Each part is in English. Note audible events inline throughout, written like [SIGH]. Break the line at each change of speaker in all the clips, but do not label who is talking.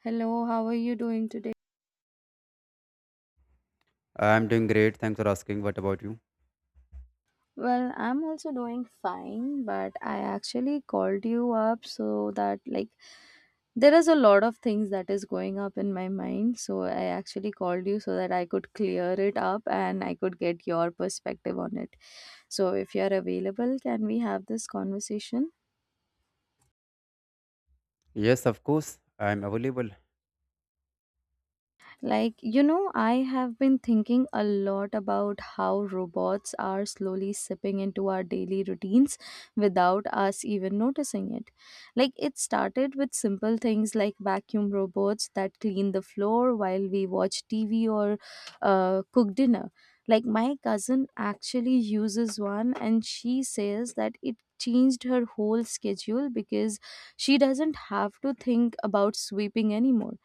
Hello, how are you doing today?
I'm doing great. Thanks for asking. What about you?
Well, I'm also doing fine, but I actually called you up so that like there is a lot of things that is going up in my mind, so I actually called you so that I could clear it up and I could get your perspective on it. So if you're available, can we have this conversation?
Yes, of course. I'm available.
Like, I have been thinking a lot about how robots are slowly sipping into our daily routines without us even noticing it. Like, it started with simple things like vacuum robots that clean the floor while we watch TV or cook dinner. Like, my cousin actually uses one, and she says that it changed her whole schedule because she doesn't have to think about sweeping anymore,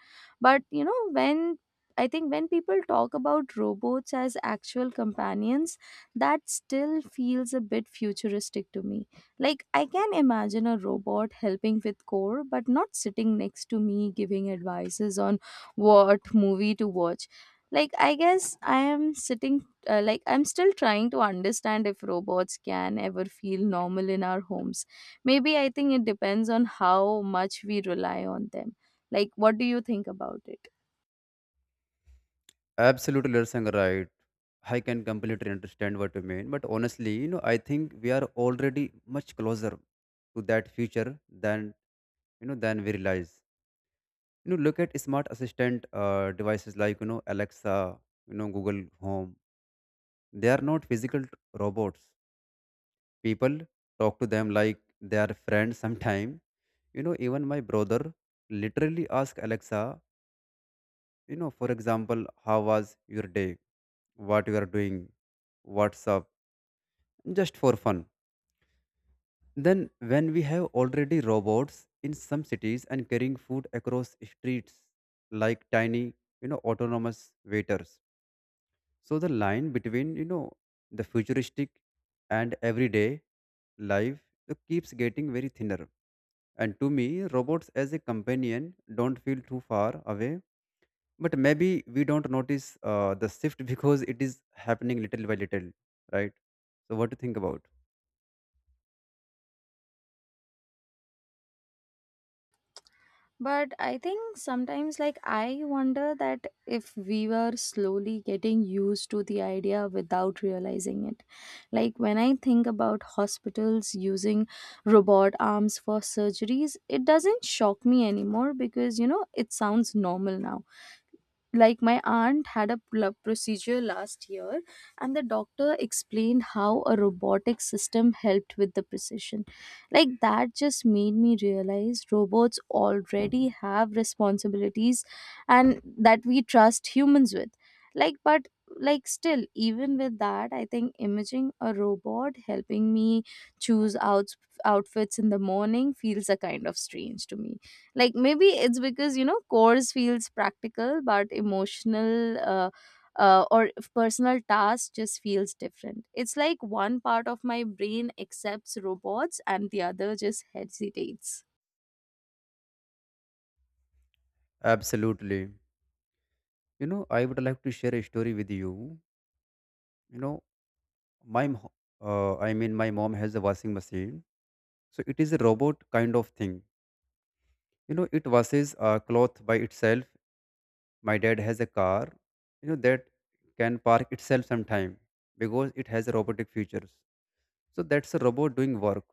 but when I think when people talk about robots as actual companions, that still feels a bit futuristic to me. Like, I can imagine a robot helping with core, but not sitting next to me giving advices on what movie to watch. Like, I guess I am sitting, like, I'm still trying to understand if robots can ever feel normal in our homes. Maybe I think it depends on how much we rely on them. Like, what do you think about it?
Absolutely, you're saying right. I can completely understand what you mean. But honestly, you know, I think we are already much closer to that future than than we realize. You know, look at smart assistant devices like Alexa, Google Home. They are not physical robots. People talk to them like they are friends. [LAUGHS] Sometime, you know, even my brother literally ask Alexa, for example, how was your day, what you are doing, what's up, just for fun. Then when we have already robots in some cities and carrying food across streets like tiny, autonomous waiters, so the line between, the futuristic and everyday life, it keeps getting very thinner. And to me, robots as a companion don't feel too far away, but maybe we don't notice the shift [LAUGHS] because it is happening little by little, right? So what do you think about?
But I think sometimes, like, I wonder that if we were slowly getting used to the idea without realizing it. Like, when I think about hospitals using robot arms for surgeries, it doesn't shock me anymore because, it sounds normal now. Like, my aunt had a procedure last year and the doctor explained how a robotic system helped with the precision. Like, that just made me realize robots already have responsibilities and that we trust humans with. Like, but like still, even with that, I think imaging a robot helping me choose out outfits in the morning feels a kind of strange to me. Like, maybe it's because course feels practical but emotional, or if personal task just feels different. It's like one part of my brain accepts robots and the other just hesitates.
Absolutely. You know, I would like to share a story with you. You know, my mo- I mean my mom has a washing machine, so it is a robot kind of thing. You know, it washes cloth by itself. My dad has a car, you know, that can park itself sometime because it has a robotic features. So that's a robot doing work.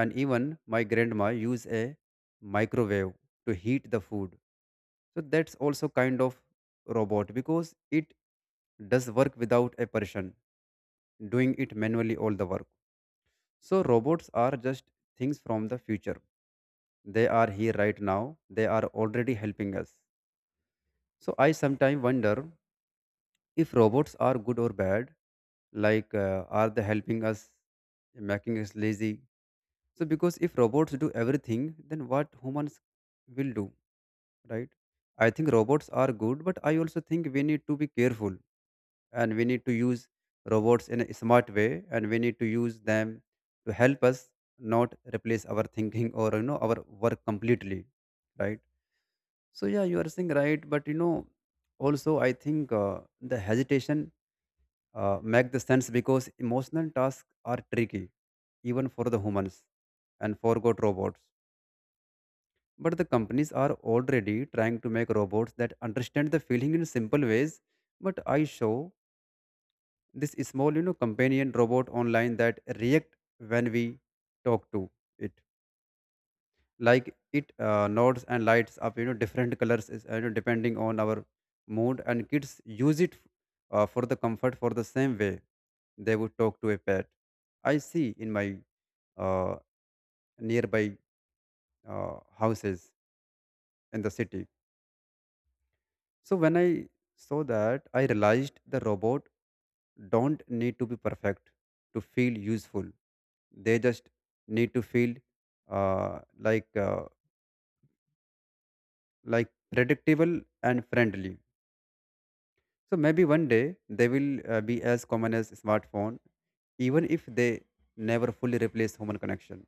And even my grandma used a microwave to heat the food, so that's also kind of robot because it does work without a person doing it manually all the work. So robots are just things from the future. They are here right now, they are already helping us. So I sometimes wonder if robots are good or bad. Like are they helping us, making us lazy? So because if robots do everything, then what humans will do, right? I think robots are good, but I also think we need to be careful and we need to use robots in a smart way, and we need to use them to help us, not replace our [LAUGHS] thinking or, you know, our work completely, right? So yeah, you are saying right, but, you know, also I think the hesitation make the sense because emotional tasks are tricky even for the humans and forgot robots. But the companies are already trying to make robots that understand the feeling in simple ways. But I show this small, you know, companion robot online that react when we talk to it. Like it nods and lights up, you know, different colors, is, you know, depending on our mood. And kids use it for the comfort, for the same way they would talk to a pet. I see in my uh, nearby houses in the city. So when I saw that, I realized the robot don't need to be perfect to feel useful. They just need to feel uh, like uh, like predictable and friendly. So maybe one day they will be as common as smartphone, even if they never fully replace human connection.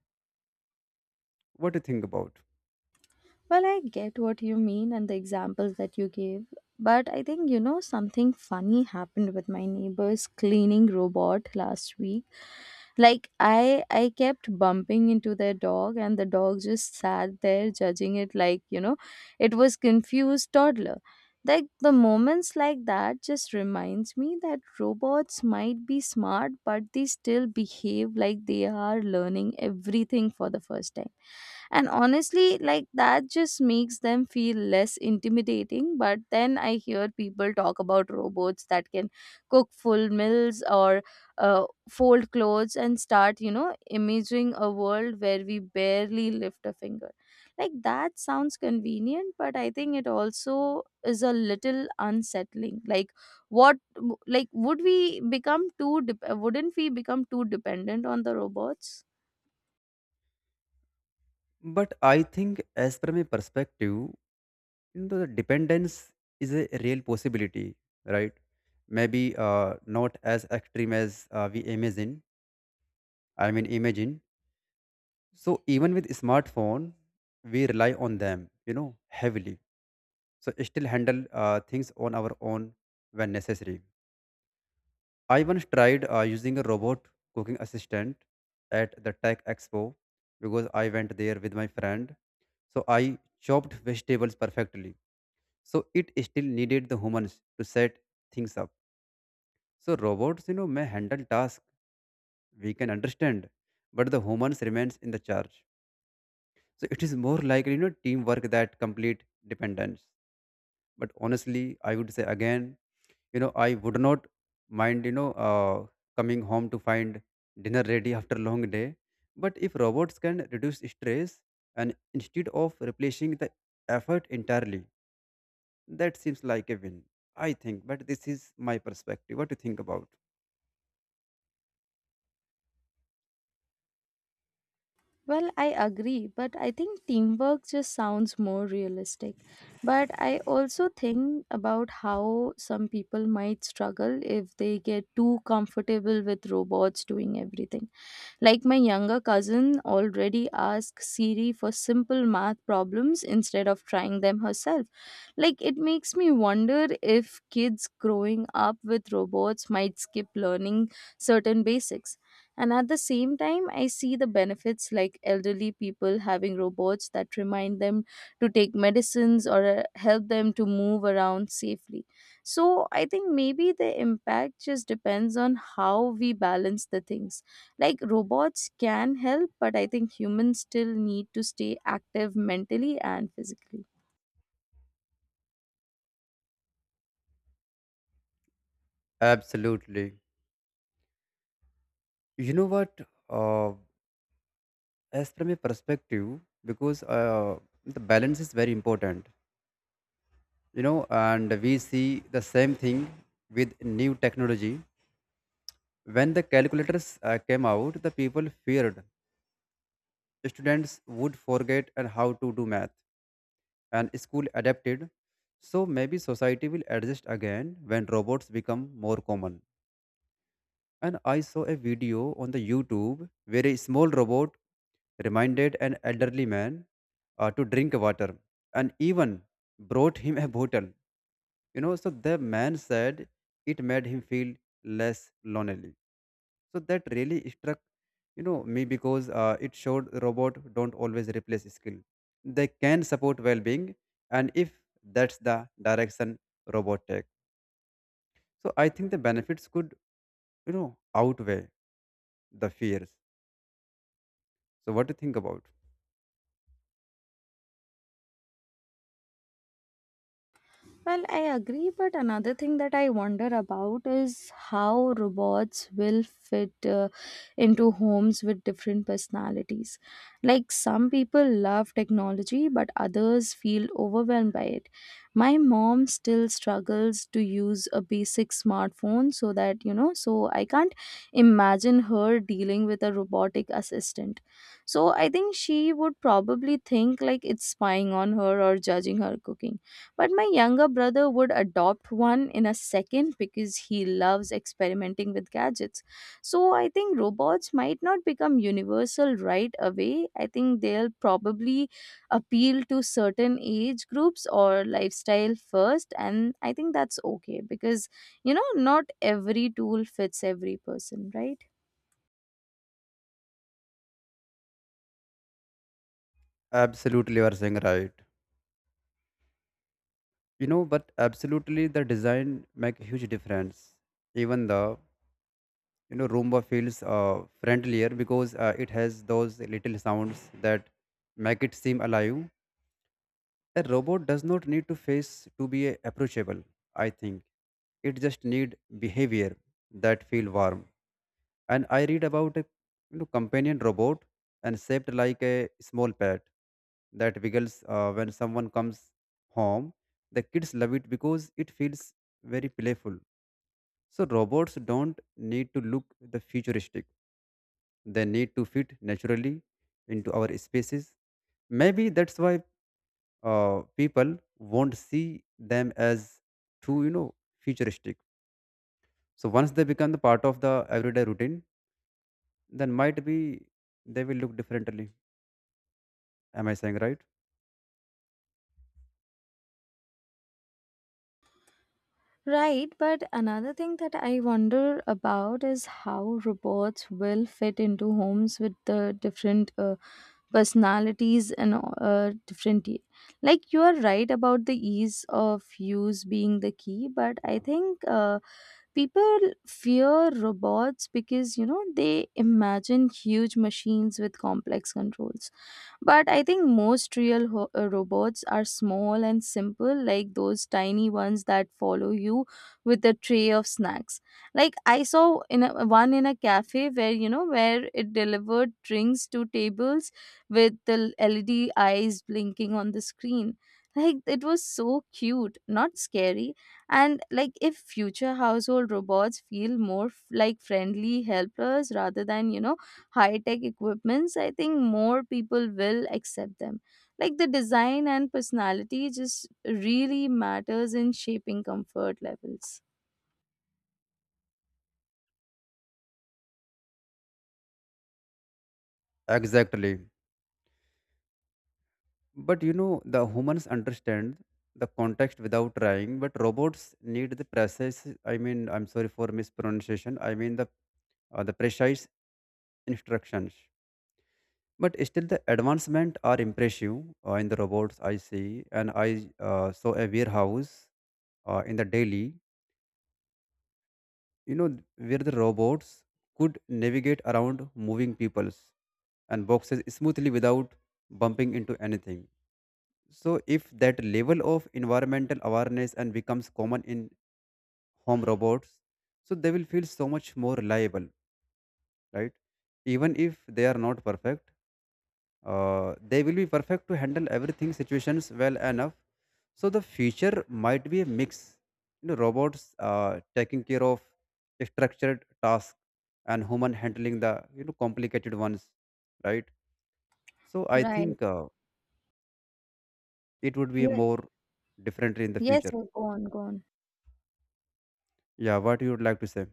What do you think about?
Well, I get what you mean and the examples that you gave, but I think something funny happened with my neighbor's cleaning robot last week. Like, I kept bumping into their dog and the dog just sat there judging it like it was confused toddler. Like, the moments like that just reminds me that robots might be smart but they still behave like they are learning everything for the first time. And honestly, like, that just makes them feel less intimidating. But then I hear people talk about robots that can cook full meals or fold clothes and start imaging a world where we barely lift a finger. Like, that sounds convenient, but I think it also is a little unsettling. Like, what, like, would we become wouldn't we become too dependent on the robots?
But I think, as per my perspective, you know, the dependence is a real possibility, right? Maybe not as extreme as we imagine. I mean, imagine. So even with smartphone, we rely on them, you know, heavily. So still handle things on our own when necessary. I once tried using a robot cooking assistant at the Tech Expo because I went there with my friend. So I chopped vegetables perfectly. So it still needed the humans to set things up. So robots, you know, may handle tasks we can understand, but the humans remains in the charge. So it is more like, you know, teamwork that complete dependence. But honestly, I would say again, you know, I would not mind, coming home to find dinner ready [LAUGHS] after long day. But if robots can reduce stress and instead of replacing the effort entirely, that seems like a win, I think, but this is my perspective. What do you think about?
Well, I agree, but I think teamwork just sounds more realistic. But I also think about how some people might struggle if they get too comfortable with robots doing everything. Like, my younger cousin already asks Siri for simple math problems instead of trying them herself. Like, it makes me wonder if kids growing up with robots might skip learning certain basics. And at the same time, I see the benefits, like elderly people having robots that remind them to take medicines or help them to move around safely. So I think maybe the impact just depends on how we balance the things. Like, robots can help, but I think humans still need to stay active mentally and physically.
Absolutely. You know what? Uh, as from a perspective, because the balance is very important, you know, and we see the same thing with new technology. When the calculators came out, the people feared students would forget and how to do math, and school adapted. So maybe society will adjust again when robots become more common. And I saw a video on the YouTube where a small robot reminded an elderly man to drink water and even brought him a bottle. You know, so the man said it made him feel less lonely. So that really struck, you know, me because it showed robot don't always replace skill. They can support well-being, and if that's the direction robot take, so I think the benefits could, you know, outweigh the fears. So what do you think about?
Well, I agree, but another thing that I wonder about is how robots will fit into homes with different personalities. Like, some people love technology, but others feel overwhelmed by it. My mom still struggles to use a basic smartphone, so that, you know, so I can't imagine her dealing with a robotic assistant. So I think she would probably think like it's spying on her or judging her cooking, but my younger brother would adopt one in a second because he loves experimenting with gadgets. So I think robots might not become universal right away. I think they'll probably appeal to certain age groups or lifestyle first. And I think that's okay because, you know, not every tool fits every person, right?
Absolutely, you are saying right. You know, but absolutely the design make a huge difference. Even the, you know, Roomba feels friendlier because it has those little sounds that make it seem alive. A robot does not need to face to be approachable. I think it just need behavior that feel warm. And I read about a, you know, companion robot and shaped like a small pet that wiggles when someone comes home. The kids love it because it feels very playful. So robots don't need to look the futuristic. They need to fit naturally into our spaces. Maybe that's why people won't see them as too, you know, futuristic. So once they become the part of the everyday routine, then might be they will look differently. Am I saying right?
Right, but another thing that I wonder about is how robots will fit into homes with the different personalities and uh, different y- like you are right about the ease of use being the key, but I think people fear robots because they imagine huge machines with complex controls. But I think most real robots are small and simple, like those tiny ones that follow you with a tray of snacks. Like, I saw one in a cafe where you know where it delivered drinks to tables with the LED eyes blinking on the screen. Like, it was so cute, not scary. And like, if future household robots feel more like friendly helpers rather than high tech equipments, I think more people will accept them. Like, the design and personality just really matters in shaping comfort levels.
Exactly. But you know, the humans understand the context without trying, but robots need the precise. I mean, I'm sorry for mispronunciation. I mean the precise instructions. But still, the advancement are impressive in the robots I see, and I saw a warehouse in the Delhi. You know, where the robots could navigate around moving peoples and boxes smoothly without bumping into anything. So, if that level of environmental awareness and becomes common in home robots, so they will feel so much more reliable, right? Even if they are not perfect, they will be perfect to handle everything situations well enough. So the future might be a mix, you know, robots taking care of structured tasks and human handling the, you know, complicated ones, right? So I
Right.
think it would be a
Yeah.
more different in the
Yes,
future.
yes, go on, go on.
Yeah, what you would like to say?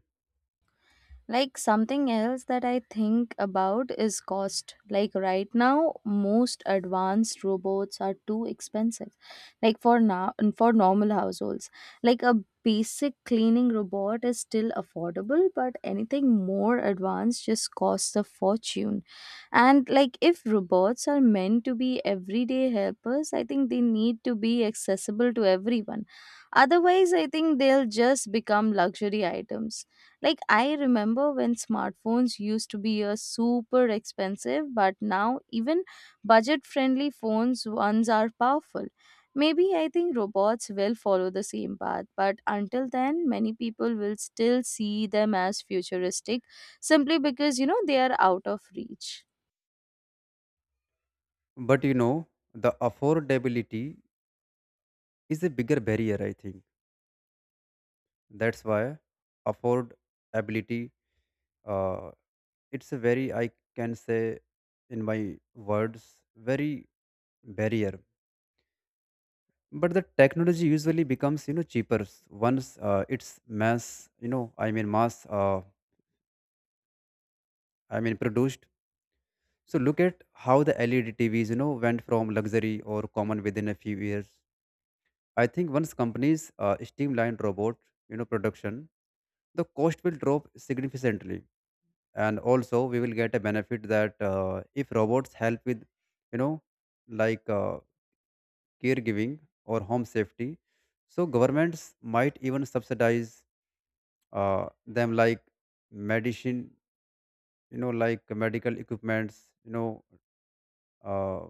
Like, something else that I think about is cost. Like, right now, most advanced robots are too expensive. Like, for now, for normal households, like, a basic cleaning robot is still affordable, but anything more advanced just costs a fortune. And like, if robots are meant to be everyday helpers, I think they need to be accessible to everyone. Otherwise, I think they'll just become luxury items. Like, I remember when smartphones used to be a super expensive, but now even budget-friendly phones ones are powerful. Maybe I think robots will follow the same path, but until then, many people will still see them as futuristic simply because they are out of reach.
But you know, the affordability is a bigger barrier, I think. That's why affordability, uh, it's a very, I can say in my words, very barrier. But the technology usually becomes, you know, cheaper once it's mass, you know, I mean produced. So look at how the LED TVs, you know, went from luxury or common within a few years. I think once companies streamline robot, you know, production, the cost will drop significantly, and also we will get a benefit that if robots help with, you know, like uh, caregiving or home safety, so governments might even subsidize them like medicine, you know, like medical equipments, you know, uh,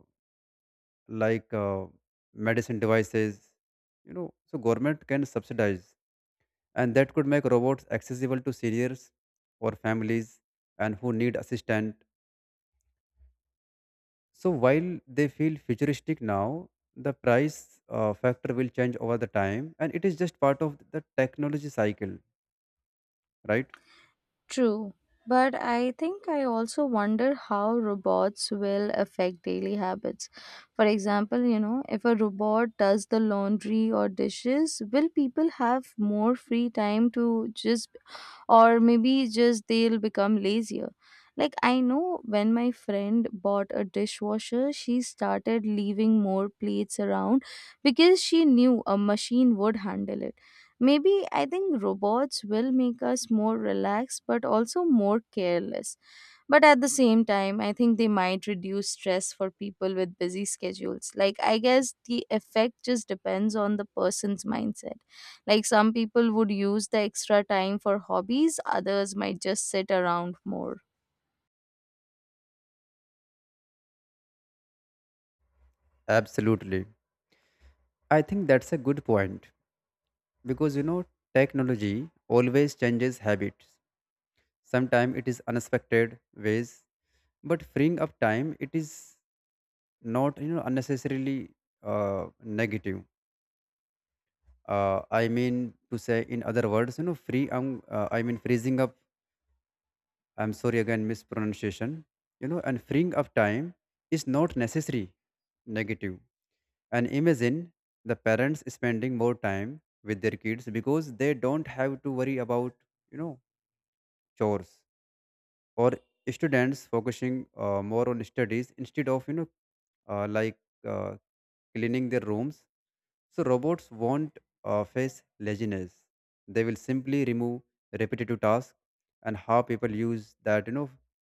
like uh, medicine devices, you know, so government can subsidize, and that could make robots accessible to seniors or families and who need assistance. So while they feel futuristic now, the price factor will change over the time, and it is just part of the technology cycle, right?
True, but I think I also wonder how robots will affect daily habits. For example, if a robot does the laundry or dishes, will people have more free time, to just, or maybe just they'll become lazier? Like, I know when my friend bought a dishwasher, she started leaving more plates around because she knew a machine would handle it. Maybe I think robots will make us more relaxed but also more careless. But at the same time, I think they might reduce stress for people with busy schedules. Like, I guess the effect just depends on the person's mindset. Like, some people would use the extra time for hobbies, others might just sit around more.
Absolutely. I think that's a good point because, you know, technology always changes habits. Sometimes it is unexpected ways, but freeing up time it is not, you know, unnecessarily negative, I mean to say in other words, you know, free. I mean freezing up. I'm sorry again, mispronunciation. You know, and freeing up time is not necessary negative. And imagine the parents spending more time with their kids because they don't have to worry about, you know, chores, or students focusing more on studies instead of, you know, uh, like uh, cleaning their rooms. So robots won't face laziness. They will simply remove repetitive tasks, and how people use that, you know,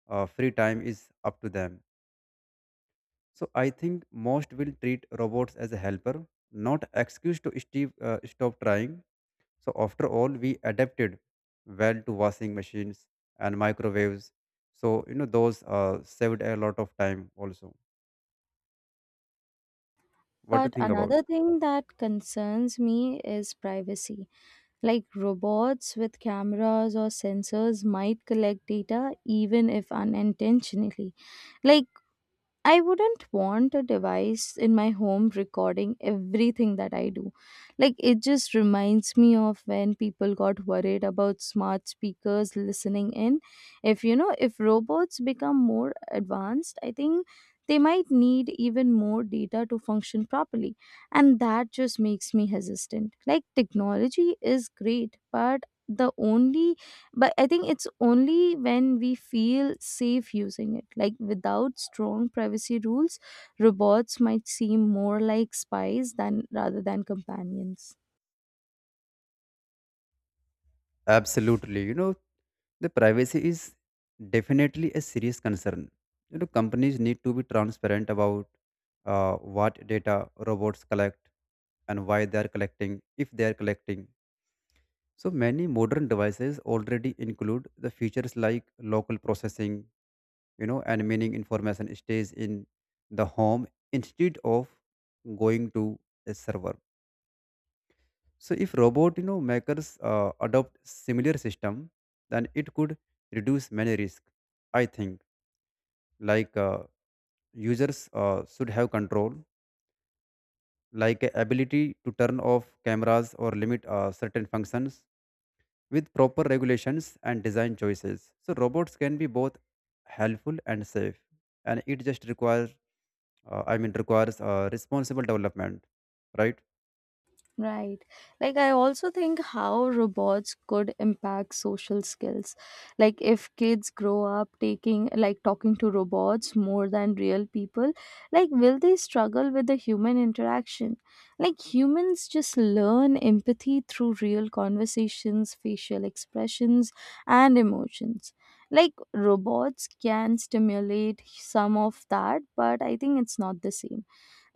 free time is up to them. So I think most will treat robots as a helper, not excuse to stop trying. So after all, we adapted well to washing machines and microwaves. So you know those saved a lot of time also. What do you
But
think about?
another thing that concerns me is privacy. Like, robots with cameras or sensors might collect data even if unintentionally. Like, I wouldn't want a device in my home recording everything that I do. Like, it just reminds me of when people got worried about smart speakers listening in. If you know, if robots become more advanced, I think they might need even more data to function properly. And that just makes me hesitant. Like, technology is great, but the only but I think it's only when we feel safe using it. Like, without strong privacy rules, robots might seem more like spies than rather than companions.
Absolutely, you know, the privacy is definitely a serious concern. You know, companies need to be transparent about what data robots collect and why they are collecting, if they are collecting. So many modern devices already include the features like local processing, you know, and meaning information stays in the home instead of going to a server. So if robot, you know, makers adopt similar system, then it could reduce many risk, I think. like uh, Users should have control, ability to turn off cameras or limit certain functions with proper regulations and design choices, so robots can be both helpful and safe, and it just requires requires responsible development, right?
Right. Like, I also think how robots could impact social skills. Like, if kids grow up like, talking to robots more than real people, like, will they struggle with the human interaction? Like, humans just learn empathy through real conversations, facial expressions, and emotions. Like, robots can stimulate some of that, but I think it's not the same.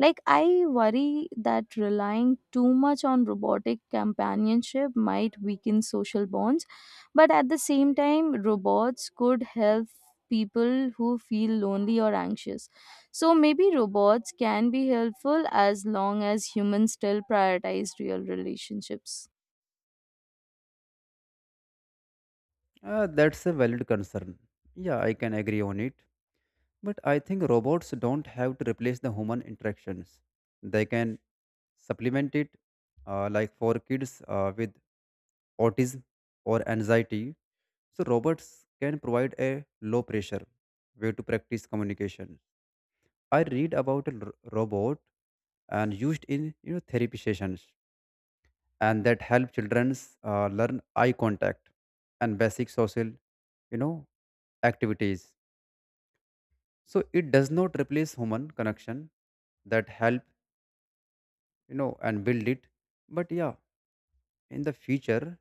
Like, I worry that relying too much on robotic companionship might weaken social bonds, but at the same time, robots could help people who feel lonely or anxious. So maybe robots can be helpful as long as humans still prioritize real relationships.
that's a valid concern. Yeah, I can agree on it, but I think robots don't have to replace the human interactions. They can supplement it, like for kids with autism or anxiety. So, robots can provide a low pressure way to practice communication. I read about a robot and used in, you know, therapy sessions, and that help children learn eye contact and basic social, you know, activities. So it does not replace human connection, that help, you know, and build it. But yeah, in the future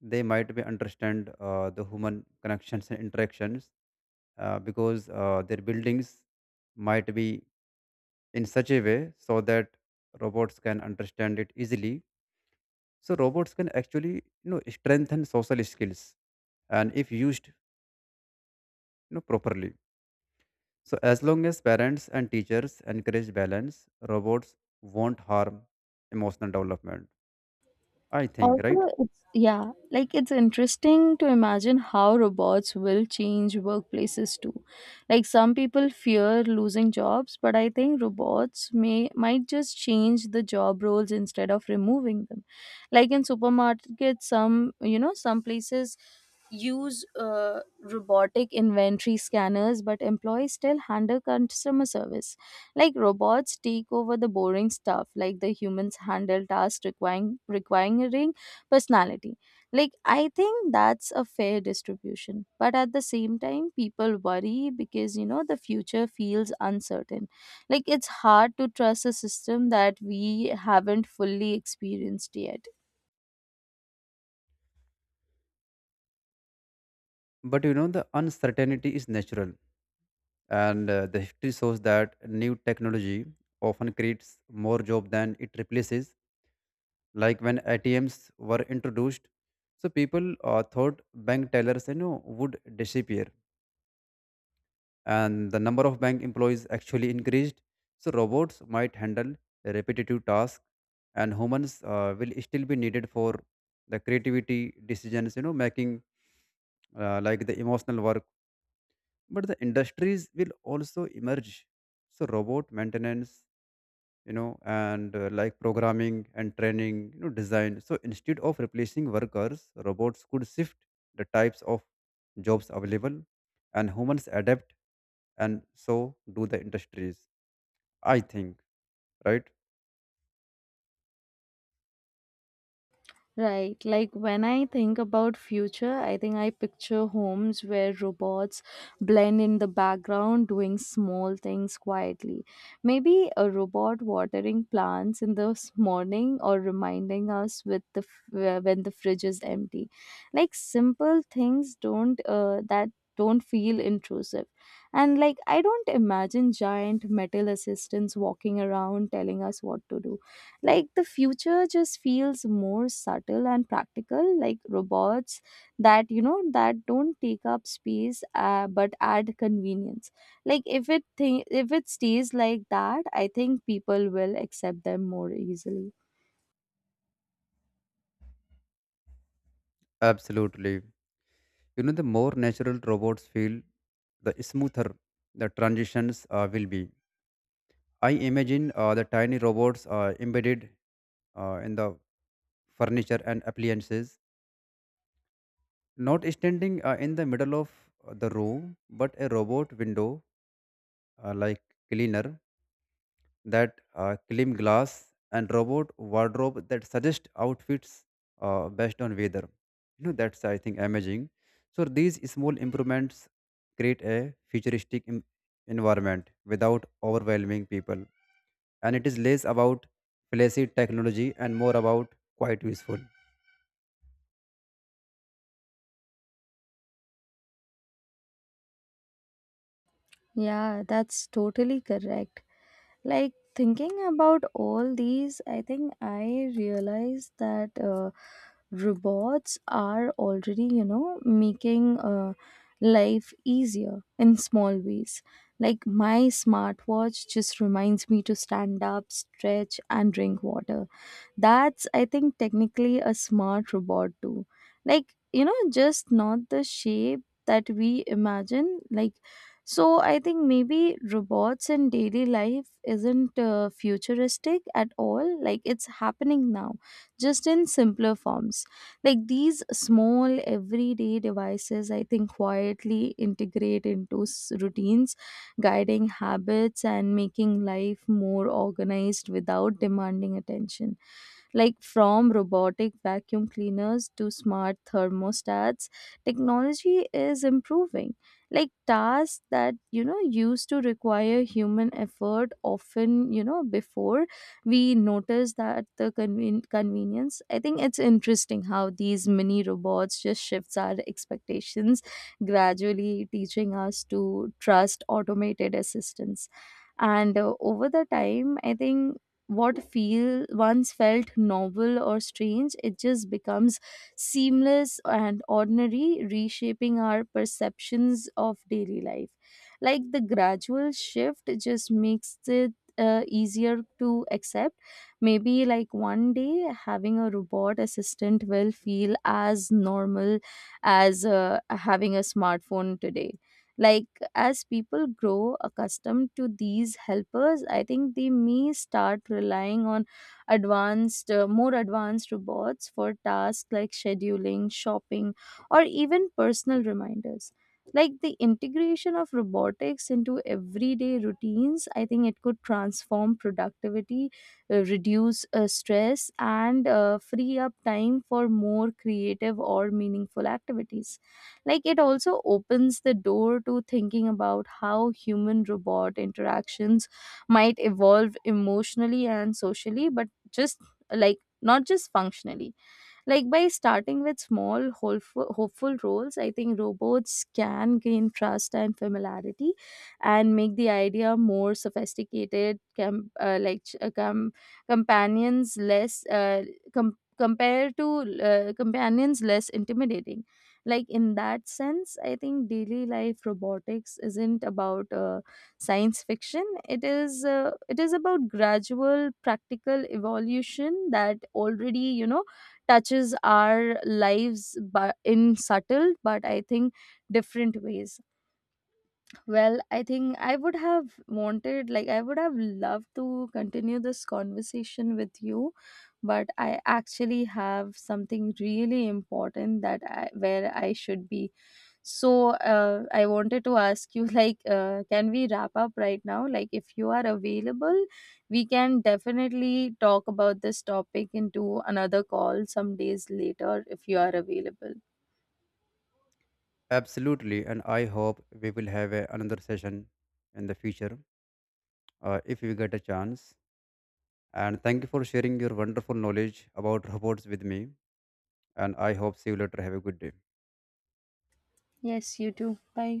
they might be understand the human connections and interactions, because their buildings might be in such a way so that robots can understand it easily. So robots can actually, you know, strengthen social skills, and if used, you know, properly, so as long as parents and teachers encourage balance, robots won't harm emotional development, I think, right?
Also, it's, yeah, like, it's interesting to imagine how robots will change workplaces too. Like, some people fear losing jobs, but I think robots may might just change the job roles instead of removing them. Like, in supermarkets, some you know some places use robotic inventory scanners, but employees still handle customer service. Like, robots take over the boring stuff, like, the humans handle tasks requiring personality. Like, I think that's a fair distribution, but at the same time, people worry because the future feels uncertain. Like, it's hard to trust a system that we haven't fully experienced yet.
But you know, the uncertainty is natural, and the history shows that new technology often creates more job than it replaces. Like when ATMs were introduced, so people thought bank tellers, you know, would disappear, and the number of bank employees actually increased. So robots might handle repetitive tasks, and humans will still be needed for the creativity decisions, you know, making, like the emotional work. But the industries will also emerge. So robot maintenance, you know, and like programming and training, you know, design. So instead of replacing workers, robots could shift the types of jobs available, and humans adapt, and so do the industries, I think, right?
Right. Like, when I think about future, I think I picture homes where robots blend in the background doing small things quietly. Maybe a robot watering plants in the morning or reminding us when the fridge is empty. Like, simple things don't that don't feel intrusive. And like, I don't imagine giant metal assistants walking around telling us what to do. Like, the future just feels more subtle and practical, like robots that, you know, that don't take up space but add convenience. Like, if it if it stays like that, I think people will accept them more easily.
Absolutely. You know, the more natural robots feel, the smoother the transitions will be. I imagine the tiny robots embedded in the furniture and appliances, not standing in the middle of the room, but a robot window, like cleaner, that clean glass, and robot wardrobe that suggest outfits based on weather. You know, that's I think amazing. So these small improvements create a futuristic environment without overwhelming people, and it is less about flashy technology and more about quite useful.
Yeah, that's totally correct. Like, thinking about all these, I think I realized that robots are already making life easier in small ways. Like, my smartwatch just reminds me to stand up, stretch and drink water. That's, I think, technically a smart robot too. Like, you know, just not the shape that we imagine. Like, so I think maybe robots in daily life isn't futuristic at all. Like, it's happening now, just in simpler forms. Like, these small, everyday devices, I think, quietly integrate into routines, guiding habits and making life more organized without demanding attention. Like, from robotic vacuum cleaners to smart thermostats, technology is improving like tasks that used to require human effort, often, before we notice that the convenience. I think it's interesting how these mini robots just shifts our expectations, gradually teaching us to trust automated assistance. And over the time, I think what feel once felt novel or strange, it just becomes seamless and ordinary, reshaping our perceptions of daily life. Like, the gradual shift just makes it easier to accept. Maybe, like, one day having a robot assistant will feel as normal as having a smartphone today. Like, as people grow accustomed to these helpers, I think they may start relying on more advanced robots for tasks like scheduling, shopping, or even personal reminders. Like, the integration of robotics into everyday routines, I think it could transform productivity, reduce stress, and free up time for more creative or meaningful activities. Like, it also opens the door to thinking about how human robot interactions might evolve emotionally and socially, but just like, not just functionally. Like, by starting with small, hopeful roles, I think robots can gain trust and familiarity and make the idea more sophisticated, companions less. Compared to companions, less intimidating. Like, in that sense, I think daily life robotics isn't about science fiction. It is, about gradual practical evolution that already, touches our lives but in subtle but I think different ways. Well, I think I would have loved to continue this conversation with you, but I actually have something really important that where I should be. So I wanted to ask you, [LAUGHS] like, can we wrap up right now? Like, if you are available, we can definitely talk about this topic into another call some days later if you are available.
Absolutely, and I hope we will have another session in the future if we get a chance. And thank you for sharing your wonderful knowledge about robots with me. And I hope see you later. Have a good day.
Yes, you too. Bye.